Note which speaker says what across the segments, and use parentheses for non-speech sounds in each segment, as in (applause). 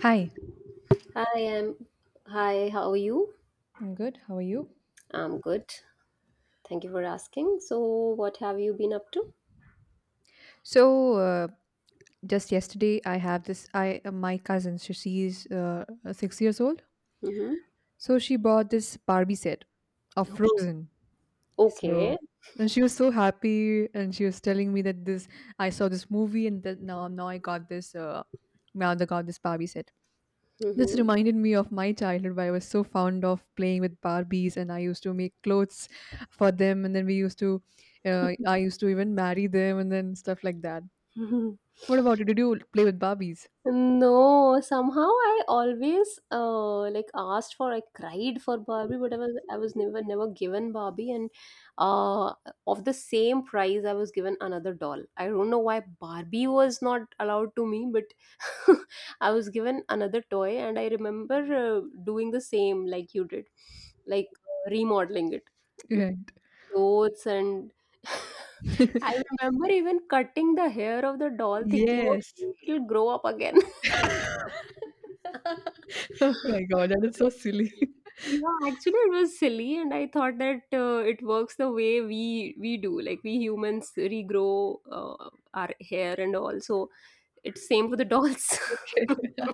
Speaker 1: Hi.
Speaker 2: Hi, I'm hi, how are you?
Speaker 1: I'm good. How are you?
Speaker 2: I'm good. Thank you for asking. So, what have you been up to?
Speaker 1: So uh, just yesterday, I have this. I my cousin, so she's 6 years old.
Speaker 2: Mm-hmm.
Speaker 1: So she bought this Barbie set of
Speaker 2: Okay.
Speaker 1: Frozen.
Speaker 2: Okay.
Speaker 1: So and she was so happy, and she was telling me that this I saw this movie, and that now I got this. Now they got this Barbie set. This
Speaker 2: Mm-hmm.
Speaker 1: reminded me of my childhood where I was so fond of playing with Barbies and I used to make clothes for them and then I used to even marry them and then stuff like that.
Speaker 2: (laughs)
Speaker 1: What about you? Did you play with Barbies?
Speaker 2: No, somehow I always like asked for I cried for Barbie, but I was never given Barbie and uh of the same price I was given another doll. I don't know why Barbie was not allowed to me, but (laughs) I was given another toy, and I remember uh, doing the same like you did, like remodeling it,
Speaker 1: Yeah.
Speaker 2: clothes, and (laughs) I
Speaker 1: (laughs)
Speaker 2: remember even cutting the hair of the doll, thinking,
Speaker 1: Yes. (laughs)
Speaker 2: okay, it'll grow up again.
Speaker 1: Oh my
Speaker 2: (laughs)
Speaker 1: God, that is so silly. (laughs)
Speaker 2: Yeah, actually, it was silly, and I thought that it works the way we do, like we humans regrow our hair and all. So it's same for the dolls.
Speaker 1: Okay.
Speaker 2: (laughs)
Speaker 1: (laughs)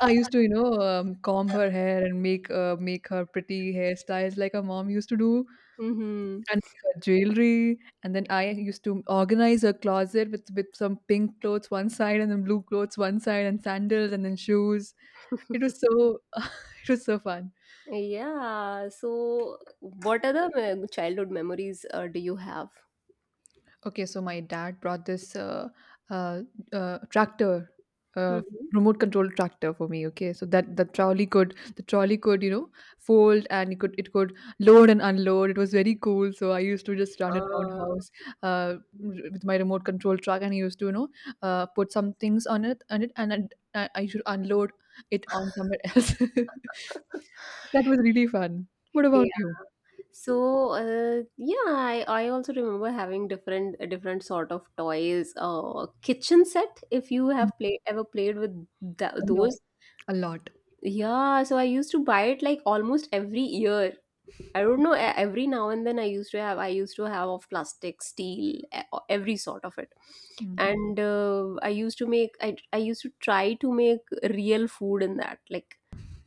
Speaker 1: I used to, comb her hair and make her pretty hairstyles like her mom used to do,
Speaker 2: Hmm.
Speaker 1: and make her jewelry. And then I used to organize her closet with some pink clothes one side and then blue clothes one side and sandals and then shoes. It was so (laughs) it was so fun.
Speaker 2: Yeah. So, what other childhood memories do you have?
Speaker 1: Okay, so my dad brought this uh, tractor, uh,
Speaker 2: Mm-hmm.
Speaker 1: remote control tractor for me. Okay, so that the trolley could, you know, fold and it could load and unload. It was very cool. So I used to just run around
Speaker 2: Uh,
Speaker 1: house uh, with my remote control truck, and I used to, you know, put some things on it, and I should unload it on somewhere else. (laughs)
Speaker 2: (laughs)
Speaker 1: That was really fun. What about
Speaker 2: yeah.
Speaker 1: you?
Speaker 2: So, yeah, I also remember having different sort of toys. Kitchen set. If you
Speaker 1: Mm,
Speaker 2: have play ever played with tha
Speaker 1: a lot,
Speaker 2: those,
Speaker 1: a lot.
Speaker 2: yeah. So I used to buy it like almost every year. I don't know. Every now and then, I used to have of plastic, steel, every sort of it,
Speaker 1: Mm.
Speaker 2: and I used to make. I used to try to make real food in that, like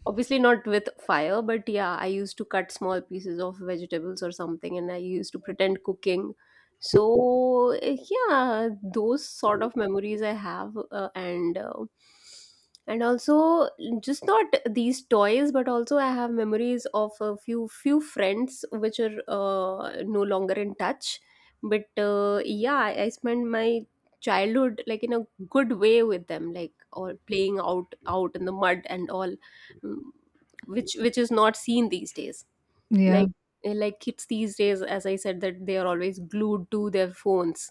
Speaker 2: obviously not with fire, but yeah, I used to cut small pieces of vegetables or something, and I used to pretend cooking. So yeah, those sort of memories I have, and also just not these toys, but also I have memories of a few friends which are no longer in touch, but yeah, I spent my childhood like in a good way with them, like or playing out in the mud and all, mm, which is not seen these days,
Speaker 1: Yeah,
Speaker 2: like like kids these days, as I said, that they are always glued to their phones.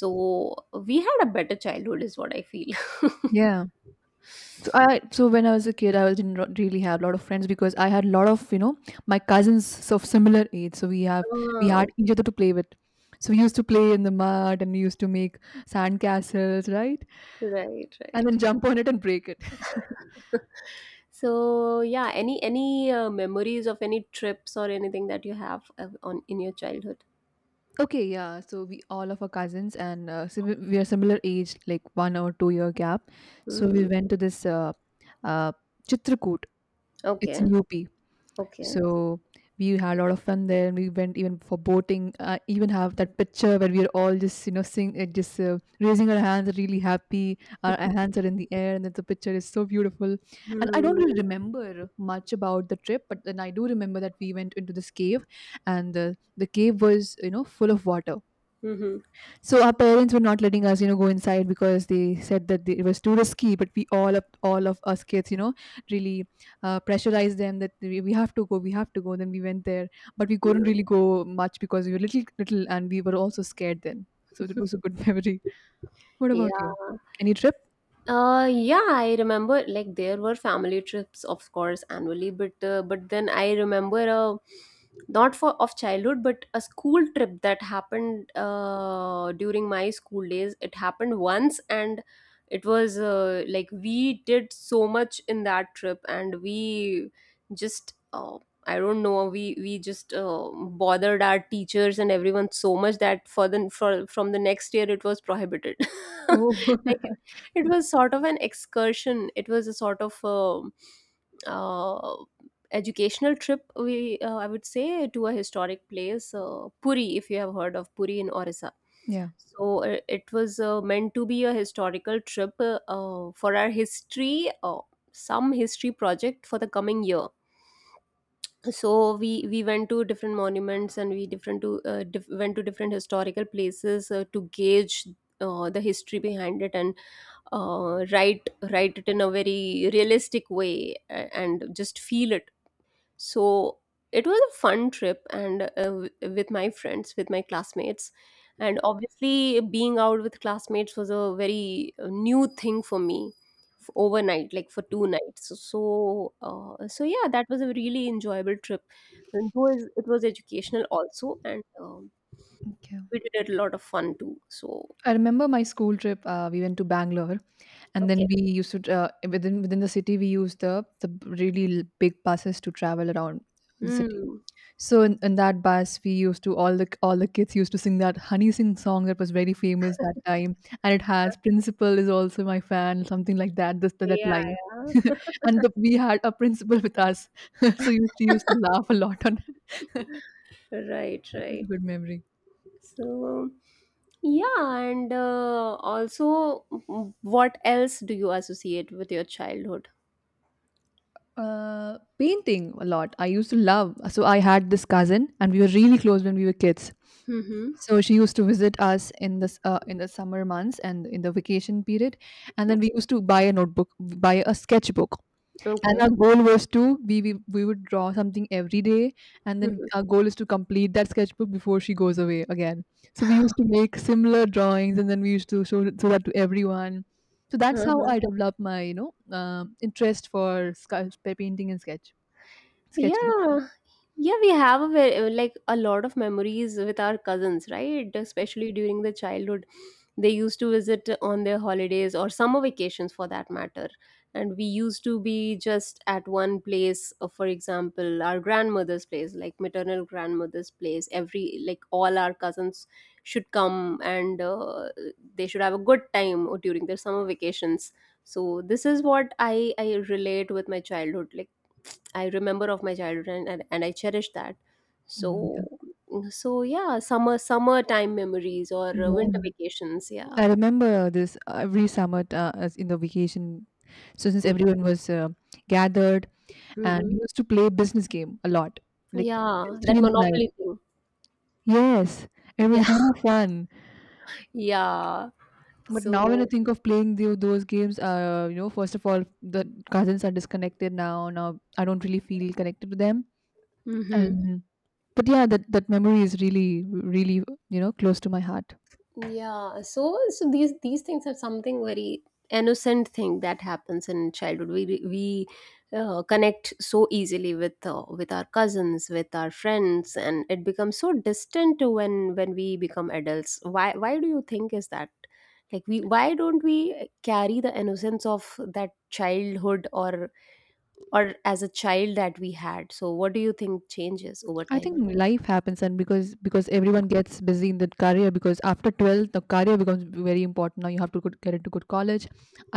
Speaker 2: So we had a better childhood is what I feel.
Speaker 1: yeah. So when I was a kid, didn't really have a lot of friends because I had a lot of, you know, my cousins of similar age. We had
Speaker 2: (laughs) Oh,
Speaker 1: each other to play with. So we used to play in the mud and we used to make sand castles, right?
Speaker 2: right,
Speaker 1: And
Speaker 2: right.
Speaker 1: then jump on it and break it. (laughs)
Speaker 2: (laughs) So yeah, any memories of any trips or anything that you have on in your childhood?
Speaker 1: Okay, yeah. So we all of our cousins and we are similar age, like 1 or 2 year gap. So we
Speaker 2: Hmm.
Speaker 1: went to this uh, Chitrakoot. It's in
Speaker 2: Okay.
Speaker 1: UP.
Speaker 2: Okay.
Speaker 1: So we had a lot of fun there, and we went even for boating. I even have that picture where we are all just, you know, sing, just raising our hands, really happy. Our
Speaker 2: (laughs)
Speaker 1: hands are in the air, and that the picture is so beautiful. And I don't really
Speaker 2: Hmm.
Speaker 1: remember much about the trip, but then I do remember that we went into this cave, and the cave was, you know, full of water,
Speaker 2: Hmm.
Speaker 1: so our parents were not letting us, you know, go inside because they said that it was too risky. But all of us kids, you know, really pressurized them that we have to go, we have to go. Then we went there, but we couldn't really go much because we were little, little, and we were also scared then. So it was a good (laughs) memory. What about you?
Speaker 2: Yeah.
Speaker 1: Any trip?
Speaker 2: Yeah, I remember like there were family trips, of course, annually, but then I remember a not for of childhood, but a school trip that happened during my school days. It happened once, and it was like we did so much in that trip, and we just I don't know, we just bothered our teachers and everyone so much that for from the next year it was prohibited. (laughs)
Speaker 1: Oh,
Speaker 2: Like, it was sort of an excursion. It was a sort of uh, educational trip. We I would say to a historic place, Puri, if you have heard of Puri in Orissa.
Speaker 1: (laughs) yeah.
Speaker 2: So it was meant to be a historical trip, for our history, some history project for the coming year. So we went to different monuments and we different to diff- went to different historical places to gauge the history behind it, and write it in a very realistic way, and just feel it. So it was a fun trip, and with my friends, with my classmates. And obviously, being out with classmates was a very new thing for me, overnight, like for two nights. So so yeah, that was a really enjoyable trip, and it was educational also, and
Speaker 1: Okay.
Speaker 2: we did a lot of fun too. So
Speaker 1: I remember my school trip. We went to Bangalore, and
Speaker 2: okay.
Speaker 1: then we used to within the city. We used the really big buses to travel around the city.
Speaker 2: Hmm.
Speaker 1: So in that bus, we used to all the kids used to sing that Honey Singh song that was very famous that time, and it has
Speaker 2: (laughs)
Speaker 1: "Principal is also my fan," something like that. This That
Speaker 2: Yeah,
Speaker 1: line,
Speaker 2: yeah.
Speaker 1: (laughs) and we had a principal with us, (laughs) so you she used to
Speaker 2: (laughs)
Speaker 1: laugh a lot on it.
Speaker 2: Right,
Speaker 1: That was a
Speaker 2: right.
Speaker 1: good memory.
Speaker 2: So, yeah, and also, mm, what else do you associate with your childhood?
Speaker 1: Painting a lot. I used to love. So I had this cousin, and we were really close when we were kids.
Speaker 2: Mm-hmm.
Speaker 1: So she used to visit us in this in the summer months and in the vacation period, and then we used to buy a notebook, buy a sketchbook. And
Speaker 2: Okay.
Speaker 1: our goal was to we would draw something every day, and then
Speaker 2: Okay.
Speaker 1: our goal is to complete that sketchbook before she goes away again. So we used to make similar drawings, and then we used to show that to everyone. So that's how I
Speaker 2: (laughs)
Speaker 1: developed my, you know, um, interest for painting and sketching.
Speaker 2: Yeah, yeah, we have a very, like a lot of memories with our cousins, right? Especially during the childhood, they used to visit on their holidays or summer vacations for that matter. And we used to be just at one place, for example, our grandmother's place, like maternal grandmother's place. Every, like all our cousins should come, and they should have a good time during their summer vacations. So this is what I relate with my childhood, like I remember of my childhood, and I cherish that.
Speaker 1: Mm.
Speaker 2: So so yeah, summertime memories or winter
Speaker 1: Yeah,
Speaker 2: vacations, yeah.
Speaker 1: I remember this every summer as in the vacation. So since everyone was gathered, and
Speaker 2: Mm-hmm.
Speaker 1: we used to play business game a lot, like till
Speaker 2: Yeah,
Speaker 1: three
Speaker 2: that
Speaker 1: in the night.
Speaker 2: monopoly thing.
Speaker 1: Yes, it was
Speaker 2: Yeah.
Speaker 1: really fun.
Speaker 2: (laughs) Yeah.
Speaker 1: But now when I
Speaker 2: So,
Speaker 1: think of playing those games, you know, first of all, the cousins are disconnected now. Now I don't really feel connected to them.
Speaker 2: mhm.
Speaker 1: And but yeah, that that memory is really, really, you know, close to my heart.
Speaker 2: Yeah, so so these things are something very innocent thing that happens in childhood. We connect so easily with our cousins, with our friends, and it becomes so distant when we become adults. Why do you think is that? Like we, why don't we carry the innocence of that childhood or as a child that we had? So what do you think changes over
Speaker 1: I think
Speaker 2: time?
Speaker 1: life happens, and because everyone gets busy in the career. Because after 12, the career becomes very important. Now you have to get into good college.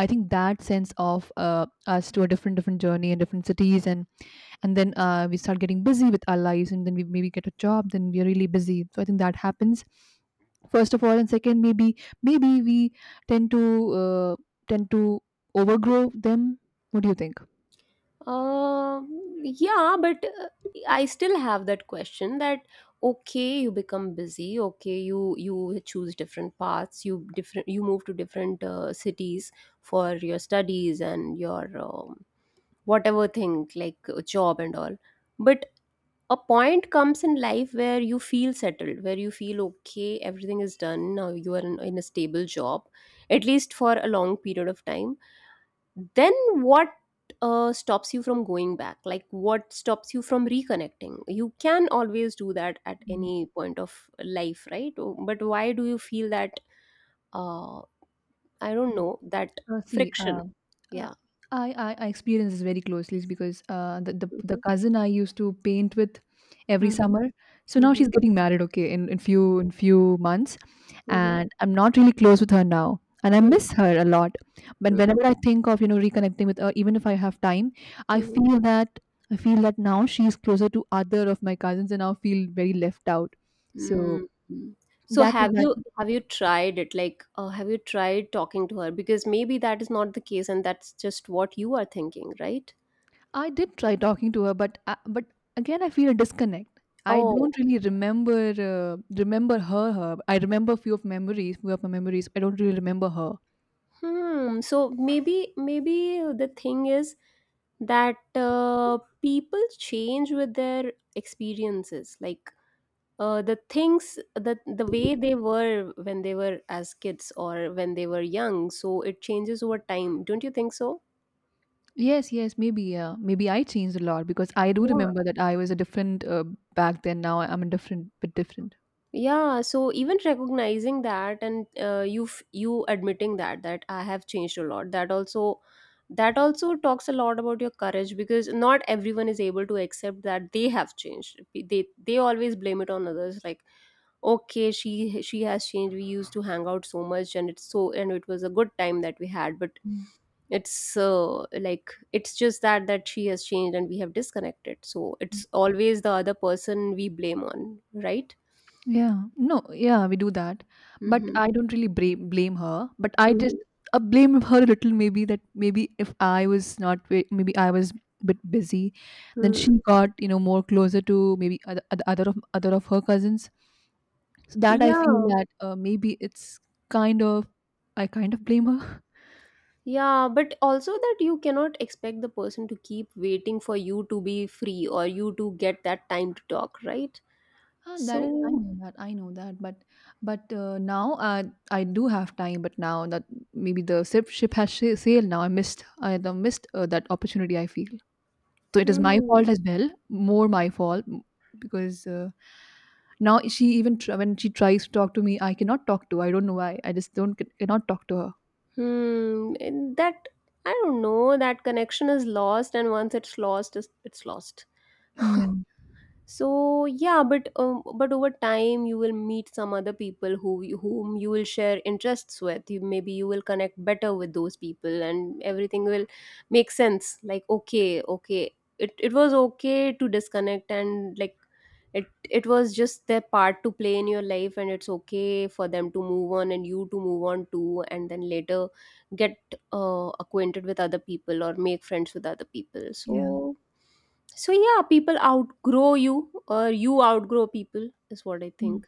Speaker 1: I think that sense of us to a different journey in different cities, and then we start getting busy with our lives, and then we maybe get a job. Then we're really busy. So I think that happens first of all, and second, maybe we tend to uh, tend to overgrow them. What do you think?
Speaker 2: Yeah, but I still have that question that okay, you become busy, okay, you choose different paths, you move to different cities for your studies and your whatever thing like a job and all. But a point comes in life where you feel settled, where you feel okay, everything is done, now you are in a stable job, at least for a long period of time. Then what stops you from going back? Like, what stops you from reconnecting? You can always do that at
Speaker 1: Mhm.
Speaker 2: any point of life, right? Oh, but why do you feel that uh, I don't know, that
Speaker 1: Uh, see,
Speaker 2: friction,
Speaker 1: uh, uh,
Speaker 2: yeah.
Speaker 1: I, I I experience this very closely because
Speaker 2: Mm-hmm.
Speaker 1: the cousin I used to paint with every
Speaker 2: Mm-hmm.
Speaker 1: summer. So now she's getting married, okay, in few months,
Speaker 2: Hmm.
Speaker 1: and I'm not really close with her now, and I miss her a lot. But
Speaker 2: Hmm.
Speaker 1: whenever I think of, you know, reconnecting with her, even if I have time, I
Speaker 2: Hmm.
Speaker 1: feel that I feel that now she's closer to other of my cousins, and I feel very left out. So
Speaker 2: Mm. So
Speaker 1: that is my
Speaker 2: have you tried it? Like, have you tried talking to her? Because maybe that is not the case, and that's just what you are thinking, right?
Speaker 1: I did try talking to her, but again, I feel a disconnect. I
Speaker 2: Oh,
Speaker 1: don't
Speaker 2: okay.
Speaker 1: really remember her. I remember few of memories, few of my memories. I don't really remember her.
Speaker 2: Hmm. So maybe maybe the thing is that people change with their experiences, like the things that the way they were when they were as kids or when they were young. So it changes over time, don't you think so?
Speaker 1: Yes, yes, maybe yeah, maybe I changed a lot because I do
Speaker 2: Yeah.
Speaker 1: remember that I was a different back then. Now I'm a bit different.
Speaker 2: Yeah, so even recognizing that, and you you admitting that I have changed a lot, that also talks a lot about your courage, because not everyone is able to accept that they have changed. They always blame it on others, like okay, she has changed. We used to hang out so much, and it's so, and it was a good time that we had, but
Speaker 1: Yeah.
Speaker 2: it's like it's just that she has changed, and we have disconnected. So it's always the other person we blame on, right?
Speaker 1: Yeah. No, yeah, we do that. But
Speaker 2: Mm-hmm.
Speaker 1: I don't really blame her. But I
Speaker 2: Mm-hmm.
Speaker 1: just blame her a little, maybe that maybe if I was not, ve- maybe I was a bit busy, then
Speaker 2: Hmm.
Speaker 1: she got, you know, more closer to maybe other of her cousins. So that I feel
Speaker 2: Yeah,
Speaker 1: that maybe it's kind of, I kind of blame her.
Speaker 2: yeah, but also that you cannot expect the person to keep waiting for you to be free or you to get that time to talk, right?
Speaker 1: Ah, that is,
Speaker 2: So,
Speaker 1: I know that, but now I do have time. But now that maybe the ship ship has sailed now, I missed I the missed that opportunity. I feel so it is my
Speaker 2: hmm,
Speaker 1: fault as well, more my fault because now she even when she tries to talk to me, I cannot talk to. I don't know why. I just don't c- cannot talk to her.
Speaker 2: hmm, and that I don't know, that connection is lost, and once it's lost, it's lost.
Speaker 1: Yeah,
Speaker 2: So yeah, but over time you will meet some other people who whom you will share interests with. You maybe you will connect better with those people, and everything will make sense. Like, okay, okay, it was okay to disconnect, and like it was just their part to play in your life, and it's okay for them to move on and you to move on too, and then later get acquainted with other people or make friends with other people.
Speaker 1: yeah.
Speaker 2: So so yeah, people outgrow you or you outgrow people, is what I
Speaker 1: Mm.
Speaker 2: think.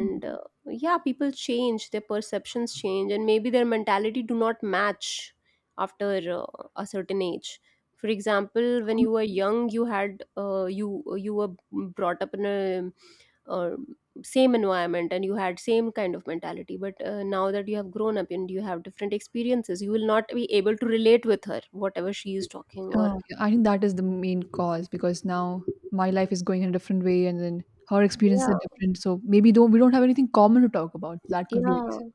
Speaker 1: Mm.
Speaker 2: yeah, people change, their perceptions change, and maybe their mentality do not match after a certain age. For example, when you were young, you had you were brought up in a uh, same environment, and you had same kind of mentality. But now that you have grown up and you have different experiences, you will not be able to relate with her whatever she is talking or
Speaker 1: Oh, yeah, I think that is the main cause because now my life is going in a different way, and then her experiences
Speaker 2: yeah,
Speaker 1: are different. So maybe don't we don't have anything common to talk about. That could be a
Speaker 2: yeah,
Speaker 1: reason.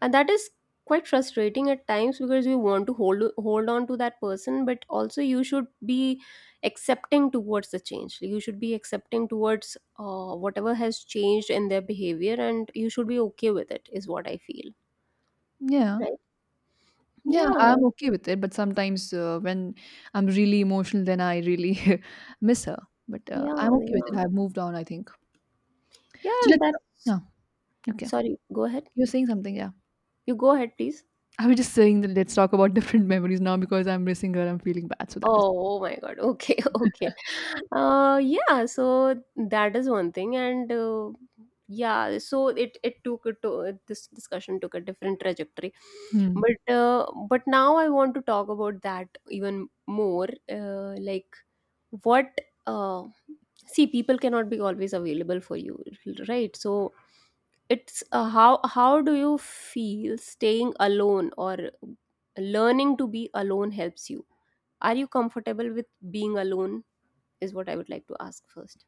Speaker 2: and that is quite frustrating at times, because we want to hold on to that person. But also, you should be accepting towards the change. Like, you should be accepting towards whatever has changed in their behavior, and you should be okay with it, is what I feel,
Speaker 1: Yeah,
Speaker 2: right?
Speaker 1: yeah,
Speaker 2: Yeah,
Speaker 1: I'm okay with it. But sometimes when I'm really emotional, then I really (laughs) miss her. But
Speaker 2: yeah,
Speaker 1: I'm okay with it.
Speaker 2: yeah,
Speaker 1: I've moved on, I think.
Speaker 2: yeah,
Speaker 1: So
Speaker 2: and
Speaker 1: let's.
Speaker 2: that's
Speaker 1: Yeah. Okay.
Speaker 2: sorry, go ahead.
Speaker 1: You're saying something. Yeah.
Speaker 2: You go ahead, please.
Speaker 1: I was just saying that let's talk about (laughs) different memories now because I'm missing her. I'm feeling bad. So that is.
Speaker 2: Oh, oh my God. Okay, (laughs) okay. Yeah, so that is one thing, and yeah, so it took it to this discussion took a different trajectory,
Speaker 1: Hmm.
Speaker 2: but now I want to talk about that even more. Like what uh, see, people cannot be always available for you, right? So it's how do you feel staying alone or learning to be alone helps you? Are you comfortable with being alone? Is what I would like to ask first.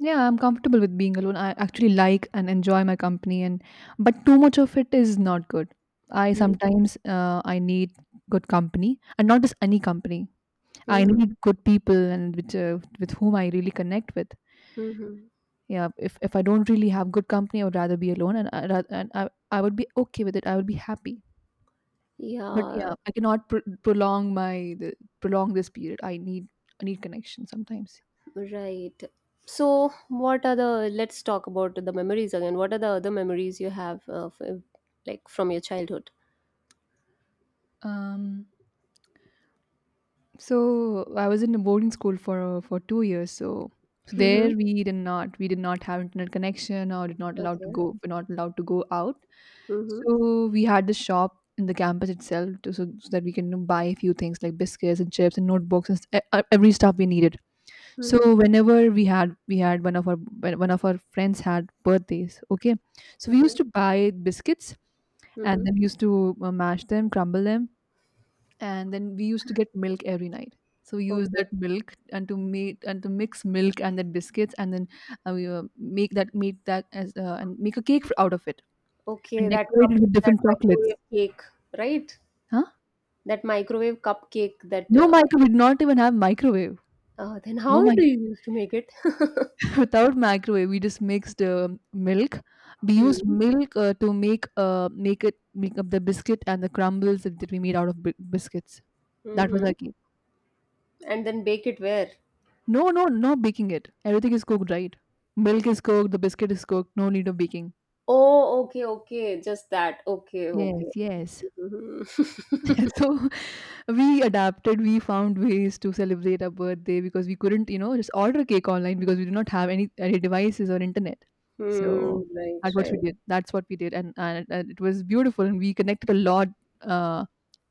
Speaker 1: Yeah, I'm comfortable with being alone. I actually like and enjoy my company, and but too much of it is not good. I sometimes I need good company and not just any company. I
Speaker 2: Mm-hmm.
Speaker 1: need good people and which with whom I really connect with.
Speaker 2: Hmm,
Speaker 1: Yeah, if I don't really have good company, I would rather be alone and I, ra- and I would be okay with it. I would be happy. But
Speaker 2: yeah,
Speaker 1: yeah, I cannot prolong prolong this period. I need connection sometimes.
Speaker 2: right. So, what are the, let's talk about the memories again. What are the other memories you have, like from your childhood?
Speaker 1: Um, so I was in a boarding school for 2 years. So, so
Speaker 2: Mm-hmm.
Speaker 1: there we did not have internet connection, or did not allowed to
Speaker 2: Okay.
Speaker 1: go we're not allowed to go out.
Speaker 2: Mm-hmm.
Speaker 1: So we had this shop in the campus itself to, so, so that we can, you know, buy a few things like biscuits and chips and notebooks and every stuff we needed.
Speaker 2: Mm-hmm.
Speaker 1: So whenever we had one of our when one of our friends had birthdays. Okay, so we used
Speaker 2: Mm-hmm.
Speaker 1: to buy biscuits, and
Speaker 2: Mm-hmm.
Speaker 1: then we used to mash them, crumble them, and then we used to get milk every night. So we used
Speaker 2: Okay.
Speaker 1: that milk and to mix milk and then biscuits, and then we make that as and make a cake out of it,
Speaker 2: Okay,
Speaker 1: and
Speaker 2: that
Speaker 1: decorate it
Speaker 2: cup,
Speaker 1: with
Speaker 2: that
Speaker 1: different chocolates.
Speaker 2: microwave cake, right?
Speaker 1: Huh?
Speaker 2: That microwave cupcake that,
Speaker 1: No microwave. We did not even have microwave.
Speaker 2: then
Speaker 1: No
Speaker 2: how
Speaker 1: mic
Speaker 2: do you used to make it? (laughs)
Speaker 1: (laughs) without microwave. We just mixed milk. We used
Speaker 2: Hmm.
Speaker 1: milk to make it make up the biscuit and the crumbles that we made out of biscuits. That was
Speaker 2: Mm-hmm.
Speaker 1: our cake.
Speaker 2: And then bake it where?
Speaker 1: No, no, no baking it. Everything is cooked, right? Milk is cooked, the biscuit is cooked, no need of baking.
Speaker 2: Oh, okay, okay. Just that. Okay,
Speaker 1: Yes,
Speaker 2: okay.
Speaker 1: yes.
Speaker 2: Mhm. (laughs)
Speaker 1: (laughs) So we adapted, we found ways to celebrate our birthday, because we couldn't, just order cake online, because we do not have any devices or internet.
Speaker 2: Hmm,
Speaker 1: So
Speaker 2: right,
Speaker 1: that's what
Speaker 2: right.
Speaker 1: we did. That's what we did. And it was beautiful, and we connected a lot, uh,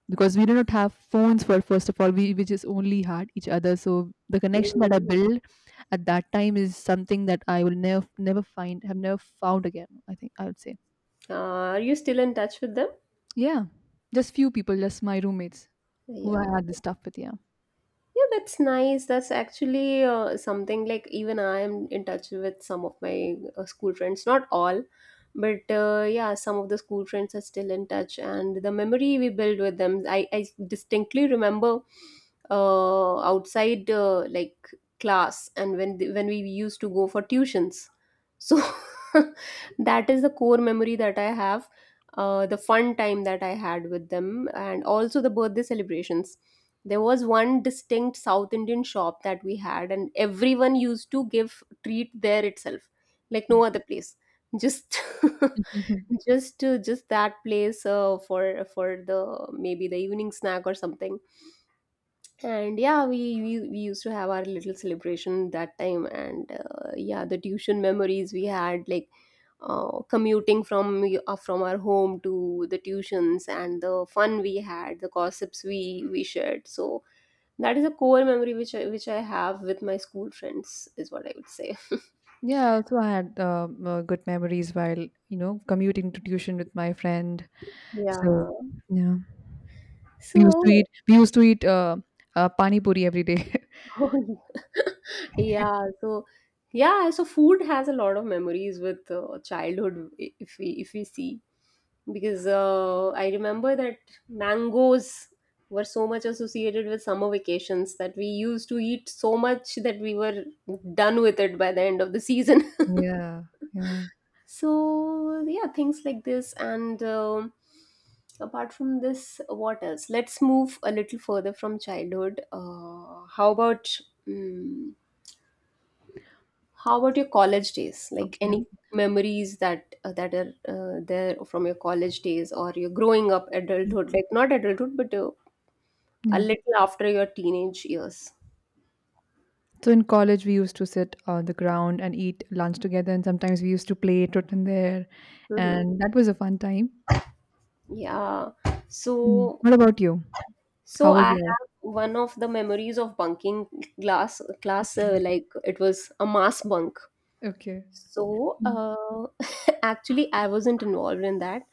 Speaker 1: because we do not have phones. For first of all, we just only had each other, so the connection that I
Speaker 2: Hmm.
Speaker 1: built at that time is something that I will never never find have never found again, I think, I would say.
Speaker 2: Uh, are you still in touch with them?
Speaker 1: Yeah, just few people, just my roommates who I
Speaker 2: Yeah.
Speaker 1: had this stuff with. Yeah.
Speaker 2: Yeah, that's nice. That's actually something like even I am in touch with some of my school friends, not all, but yeah, some of the school friends are still in touch, and the memory we build with them. I distinctly remember outside like class, and when when we used to go for tuitions. So (laughs) that is the core memory that I have, the fun time that I had with them, and also the birthday celebrations. There was one distinct South Indian shop that we had, and everyone used to give treat there itself, like no other place, just
Speaker 1: Mhm.
Speaker 2: (laughs) just that place for the maybe the evening snack or something. And yeah, we used to have our little celebration that time, and yeah, the tuition memories we had, like commuting from our home to the tuitions, and the fun we had, the gossips we shared. So that is a core memory which which I have with my school friends, is what I would say. (laughs)
Speaker 1: Yeah, also I also had good memories while commuting to tuition with my friend. So
Speaker 2: Yeah.
Speaker 1: yeah, we used to
Speaker 2: So,
Speaker 1: eat we used to eat pani puri every day. (laughs)
Speaker 2: (laughs) oh, yeah. (laughs) Yeah. So, yeah. So, food has a lot of memories with childhood. If we see, because I remember that mangoes were so much associated with summer vacations, that we used to eat so much that we were done with it by the end of the season. (laughs)
Speaker 1: Yeah, yeah,
Speaker 2: So yeah, things like this, and apart from this, what else? Let's move a little further from childhood. How about mm how about your college days? Like any
Speaker 1: okay.
Speaker 2: memories that that are there from your college days, or your growing up
Speaker 1: Mm,
Speaker 2: adulthood, like not adulthood, but a
Speaker 1: yeah.
Speaker 2: little after your teenage years?
Speaker 1: So in college, we used to sit on the ground and eat lunch together, and sometimes we used to play Totten there,
Speaker 2: Hmm,
Speaker 1: and that was a fun time.
Speaker 2: yeah.
Speaker 1: Mm.
Speaker 2: So,
Speaker 1: What about you?
Speaker 2: so
Speaker 1: How was
Speaker 2: I have
Speaker 1: your?
Speaker 2: one of the memories of bunking class, like it was a mass bunk.
Speaker 1: (laughs)
Speaker 2: So
Speaker 1: Mm. Okay. Mm.
Speaker 2: (laughs) actually I wasn't involved in that.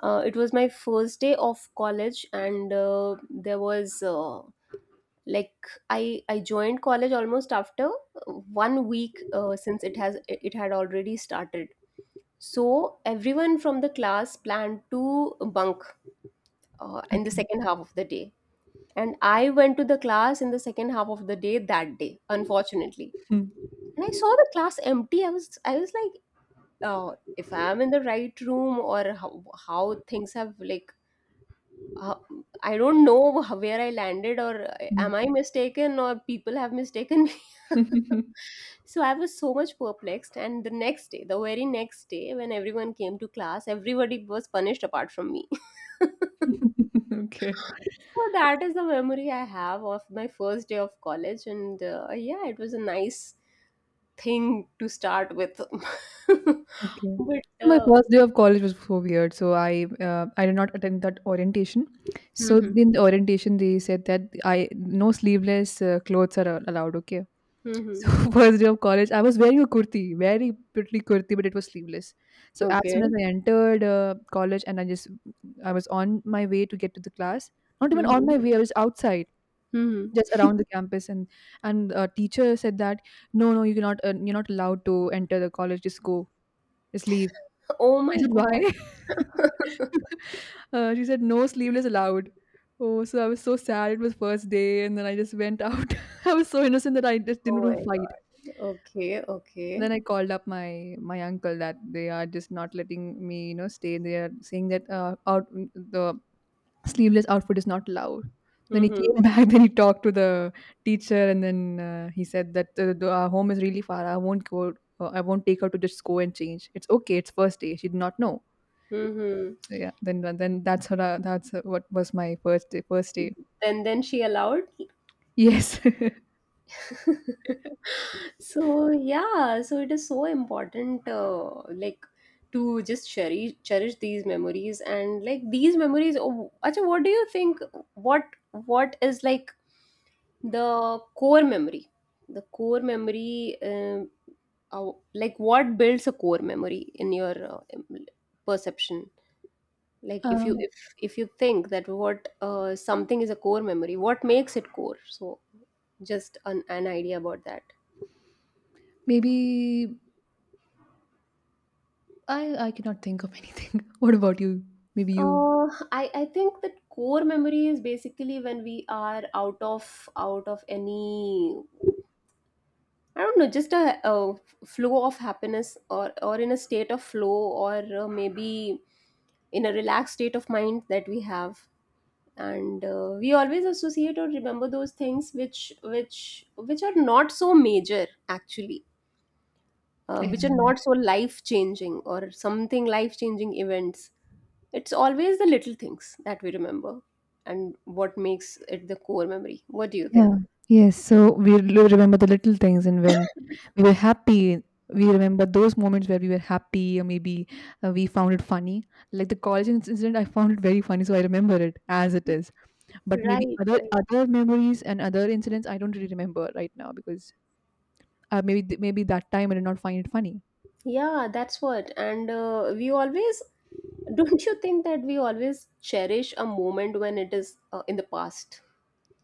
Speaker 2: It was my first day of college, and there was like I joined college almost after 1 week, since it had already started. So everyone from the class planned to bunk in the
Speaker 1: Okay.
Speaker 2: second half of the day, and I went to the class in the second half of the day that day, unfortunately.
Speaker 1: Mm.
Speaker 2: And I saw the class empty. I was like, if I am in the right room, or how things have, like uh, I don't know (laughs) how- where I landed, or
Speaker 1: Mm.
Speaker 2: am I mistaken, or people have mistaken me. (laughs) So I was so much perplexed. And the next day, the very next day, when everyone came to class, everybody was punished apart from me. (laughs)
Speaker 1: (laughs) Okay.
Speaker 2: So that is the memory I have of my first day of college, and yeah, it was a nice thing to start with. (laughs)
Speaker 1: Okay.
Speaker 2: but
Speaker 1: So my first day of college was so weird. So I did not attend that orientation. So
Speaker 2: Mhm.
Speaker 1: in the orientation, they said that I no sleeveless clothes are allowed. Okay.
Speaker 2: Mhm.
Speaker 1: So (laughs) first day of college, I was wearing a kurti, very pretty kurti, but it was sleeveless. So as
Speaker 2: Okay.
Speaker 1: soon as I entered college, and I was on my way to get to the class, not even on
Speaker 2: Mhm.
Speaker 1: my way, I was outside,
Speaker 2: Mhm.
Speaker 1: just around the campus, and teacher said that no, no, you're not allowed to enter the college. Just go, just leave.
Speaker 2: Oh
Speaker 1: I
Speaker 2: my
Speaker 1: said, why?
Speaker 2: god.
Speaker 1: (laughs) She said no sleeveless allowed. Oh, so I was so sad. It was first day, and then I just went out. (laughs) I was so innocent that I just
Speaker 2: Oh
Speaker 1: didn't want
Speaker 2: my
Speaker 1: to
Speaker 2: god,
Speaker 1: fight.
Speaker 2: okay, okay.
Speaker 1: Then I called up my uncle that they are just not letting me, stay. They are saying that out the sleeveless outfit is not allowed. Then he
Speaker 2: Mm-hmm.
Speaker 1: came back. (laughs) Then he talked to the teacher, and then he said that our home is really far. I won't go. I won't take her to just go and change. It's okay. It's first day. She did not know.
Speaker 2: Mm-hmm.
Speaker 1: So yeah. Then that's her. That's what was my first day. First day.
Speaker 2: Then she allowed.
Speaker 1: Yes.
Speaker 2: (laughs) So yeah, so it is so important, like to just cherish these memories and like these memories. Oh, Acha, what do you think? What is like the core memory? The core memory, like what builds a core memory in your perception?
Speaker 1: (laughs)
Speaker 2: Like if you
Speaker 1: um.
Speaker 2: if you think that what something is a core memory, what makes it core? So just an idea about that.
Speaker 1: Maybe I I cannot think of anything. (laughs) What about you? Maybe you.
Speaker 2: I think that core memory is basically when we are out of any, I don't know, just a flow of happiness, or in a state of flow, or maybe in a relaxed state of mind that we have. And we always associate or remember those things which which are not so major actually,
Speaker 1: Yeah.
Speaker 2: which are not so life changing, or something life changing events. It's always the little things that we remember, and what makes it the core memory. What do you think?
Speaker 1: Yeah. Yes. So we remember the little things, and when we were happy, we remember those moments where we were happy, or maybe we found it funny. Like the college incident, I found it very funny, so I remember it as it is. But maybe
Speaker 2: Right,
Speaker 1: other
Speaker 2: right.
Speaker 1: other memories and other incidents, I don't really remember right now because maybe that time I did not find it funny.
Speaker 2: Yeah, that's what. And (laughs) don't you think that we always cherish a moment when it is in the past?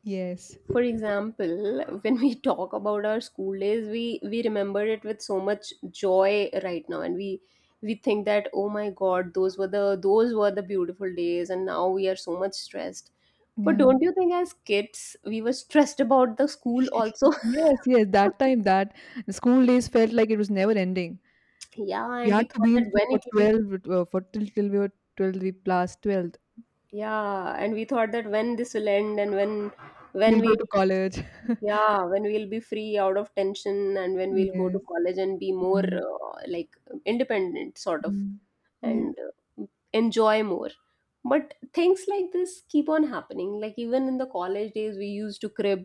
Speaker 1: Yes.
Speaker 2: For example, (laughs) when we talk about our school days, we remember it with so much joy right now, and we think that, oh my God, those were the beautiful days, and now we are so much stressed. But
Speaker 1: Yeah.
Speaker 2: don't you think as kids we were stressed about the school
Speaker 1: (laughs)
Speaker 2: also?
Speaker 1: Yes. Yes. That
Speaker 2: (laughs)
Speaker 1: time, that the school days felt like it was never ending.
Speaker 2: Yeah,
Speaker 1: We
Speaker 2: and
Speaker 1: had
Speaker 2: we
Speaker 1: to
Speaker 2: thought
Speaker 1: be
Speaker 2: that
Speaker 1: in school
Speaker 2: when
Speaker 1: for
Speaker 2: it will be,
Speaker 1: 12, for till we were 12, we plus 12.
Speaker 2: yeah, and we thought that when this will end, and when when
Speaker 1: We'll go
Speaker 2: we
Speaker 1: to college.
Speaker 2: yeah, when we'll be free out of tension, and when we'll go to
Speaker 1: Yes.
Speaker 2: college and be more
Speaker 1: Mm,
Speaker 2: like independent sort of.
Speaker 1: mm. Yeah.
Speaker 2: And uh, enjoy more. But things like this keep on happening, like even in the college days we used to crib.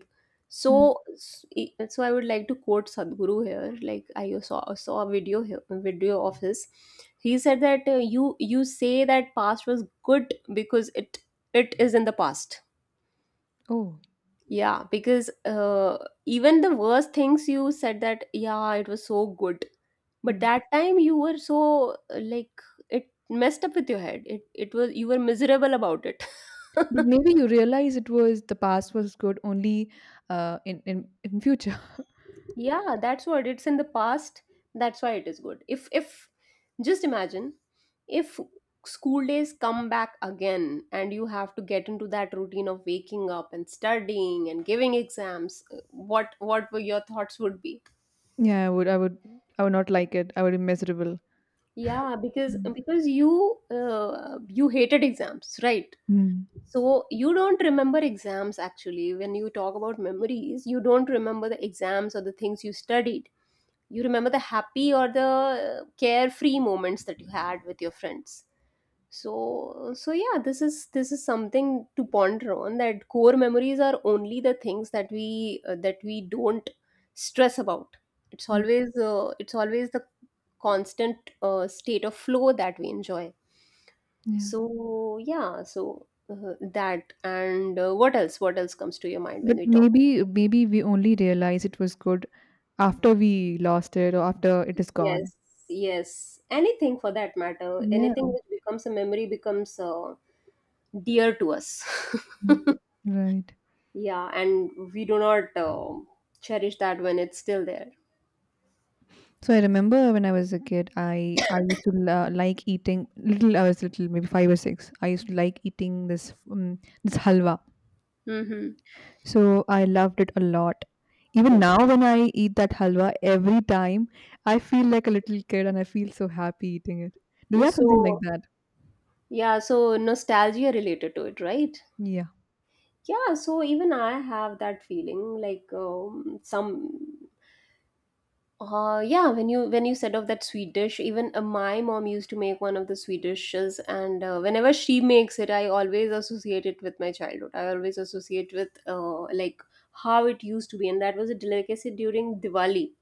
Speaker 2: So
Speaker 1: Mm.
Speaker 2: so I would like to quote Sadhguru here. Like I saw a video here, a video of his. He said that you say that past was good because it is in the past.
Speaker 1: Oh.
Speaker 2: Yeah, because even the worst things, you said that, yeah, it was so good. But
Speaker 1: Mm.
Speaker 2: that time you were so like, it messed up with your head. It was you were miserable about it. (laughs)
Speaker 1: But maybe you realize it was the past was good only in future. (laughs)
Speaker 2: Yeah, that's what, it's in the past. That's why it is good. If just imagine, if school days come back again and you have to get into that routine of waking up and studying and giving exams, what were your thoughts would be?
Speaker 1: Yeah, I would not like it. I would be miserable.
Speaker 2: Yeah,
Speaker 1: Yeah.
Speaker 2: because you you hated exams, right?
Speaker 1: Mm.
Speaker 2: So you don't remember exams actually. When you talk about memories, you don't remember the exams or the things you studied. You remember the happy, or the carefree moments that you had with your friends. So so yeah, this is something to ponder on, that core memories are only the things that we don't stress about.
Speaker 1: Mm.
Speaker 2: It's always the constant state of flow that we enjoy.
Speaker 1: Yeah.
Speaker 2: So yeah, so that, and what else? What else comes to your mind when
Speaker 1: But
Speaker 2: we talk?
Speaker 1: maybe we only realize it was good after we lost it or after it is gone.
Speaker 2: Yes, yes. Anything for that matter.
Speaker 1: Yeah.
Speaker 2: Anything which becomes a memory becomes dear to us. (laughs)
Speaker 1: Mm. Right.
Speaker 2: Yeah, and we do not cherish that when it's still there.
Speaker 1: So I remember when I was a kid, I used to like eating little. I was little, maybe five or six. I used to like eating this halwa.
Speaker 2: Mm-hmm.
Speaker 1: So I loved it a lot. Even
Speaker 2: Okay.
Speaker 1: now, when I eat that halwa, every time I feel like a little kid and I feel so happy eating it. Do you have something like
Speaker 2: So,
Speaker 1: that?
Speaker 2: yeah, so nostalgia related to it, right?
Speaker 1: Yeah.
Speaker 2: Yeah, so even I have that feeling, like some yeah, when you said of that sweet dish, even my mom used to make one of the sweet dishes, and whenever she makes it, I always associate it with my childhood. I always associate with like how it used to be, and that was a delicacy during Diwali.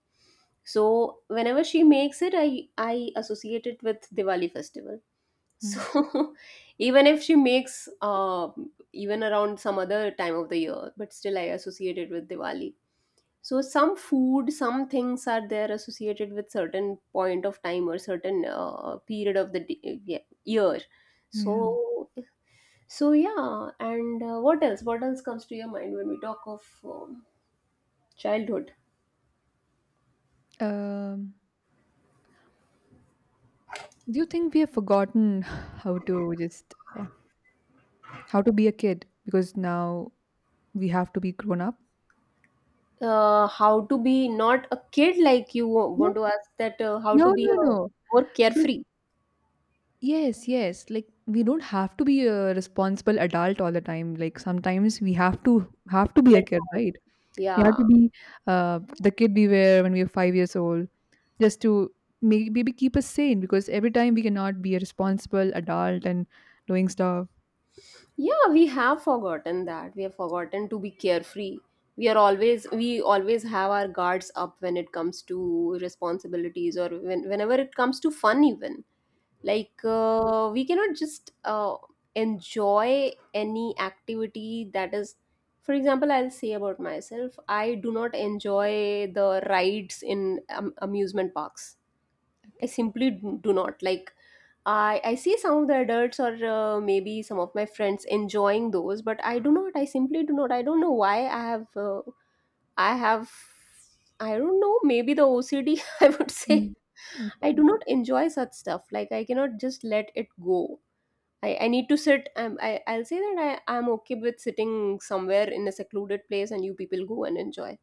Speaker 2: So whenever she makes it, I associate it with Diwali festival. So
Speaker 1: Mm,
Speaker 2: (laughs) even if she makes even around some other time of the year, but still I associate it with Diwali. So some food, some things are there associated with certain point of time, or certain period of the d- yeah, year.
Speaker 1: yeah.
Speaker 2: So so yeah, and what else comes to your mind when we talk of childhood?
Speaker 1: Um, do you think we have forgotten (sighs) how to just uh, how to be a kid because now we have to be grown up?
Speaker 2: How to be not a kid, like you want
Speaker 1: No,
Speaker 2: to ask that, how to
Speaker 1: no,
Speaker 2: be
Speaker 1: no,
Speaker 2: a
Speaker 1: no.
Speaker 2: more
Speaker 1: Because,
Speaker 2: carefree,
Speaker 1: yes, yes. Like we don't have to be a responsible adult all the time. Like sometimes we have to be a
Speaker 2: let
Speaker 1: kid,
Speaker 2: go?
Speaker 1: right? We have to
Speaker 2: Yeah,
Speaker 1: be the kid we were when we were 5 years old, just to maybe keep us sane. Because every time we cannot be a responsible adult and doing stuff.
Speaker 2: yeah, we have forgotten that. We have forgotten to be carefree. We are always, we always have our guards up when it comes to responsibilities, or whenever it comes to fun even, like we cannot just enjoy any activity that is. For example, I'll say about myself, I do not enjoy the rides in amusement parks. I simply do not like. I see some of the adults, or maybe some of my friends enjoying those, but I do not. I simply do not. I don't know why I have. I have. I don't know. Maybe the OCD. (laughs) I would say
Speaker 1: Mm.
Speaker 2: I do
Speaker 1: Okay.
Speaker 2: not enjoy such stuff. Like I cannot just let it go. I need to sit. I I'll say that I'm okay with sitting somewhere in a secluded place, and you people go and enjoy.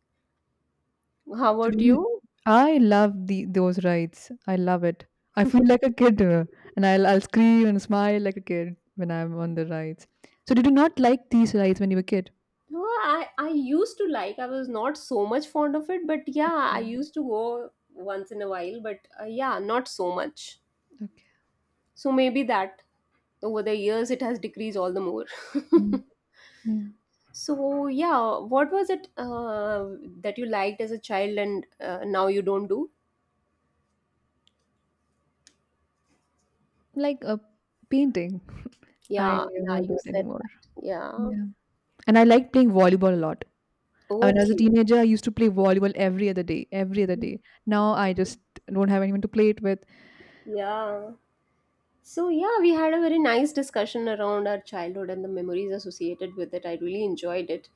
Speaker 2: How
Speaker 1: So do
Speaker 2: about
Speaker 1: you-
Speaker 2: you?
Speaker 1: I love the those rides. I love it. I feel
Speaker 2: (laughs)
Speaker 1: like a kid, and I'll scream and smile like a kid when I'm on the rides. So did you not like these rides when you were a kid?
Speaker 2: No, I used to like. I was not so much fond of it, but yeah, I used to go once in a while. But yeah, not so much.
Speaker 1: Okay.
Speaker 2: So maybe that over the years it has decreased all the more.
Speaker 1: Mm,
Speaker 2: (laughs)
Speaker 1: yeah.
Speaker 2: So yeah, what was it that you liked as a child, and now you don't do?
Speaker 1: Like a painting. (laughs) I
Speaker 2: Yeah, yeah,
Speaker 1: don't
Speaker 2: you
Speaker 1: do it
Speaker 2: said
Speaker 1: anymore.
Speaker 2: that. Yeah.
Speaker 1: Yeah. And I like playing volleyball a lot. I mean, as a
Speaker 2: Okay.
Speaker 1: teenager, I used to play volleyball every other day, every other day. Now I just don't have anyone to play it with.
Speaker 2: Yeah. So, yeah, we had a very nice discussion around our childhood and the memories associated with it. I really enjoyed it.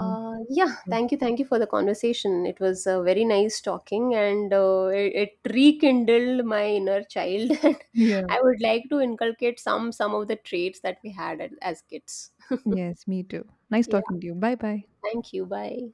Speaker 1: Me
Speaker 2: Yeah,
Speaker 1: too.
Speaker 2: thank you. Thank you for the conversation. It was very nice talking, and it rekindled my inner child. (laughs) And I
Speaker 1: Yeah.
Speaker 2: would like to inculcate some of the traits that we had at, as kids.
Speaker 1: Yes, me too. Nice
Speaker 2: Yeah,
Speaker 1: talking to you. Bye bye.
Speaker 2: thank you. Bye.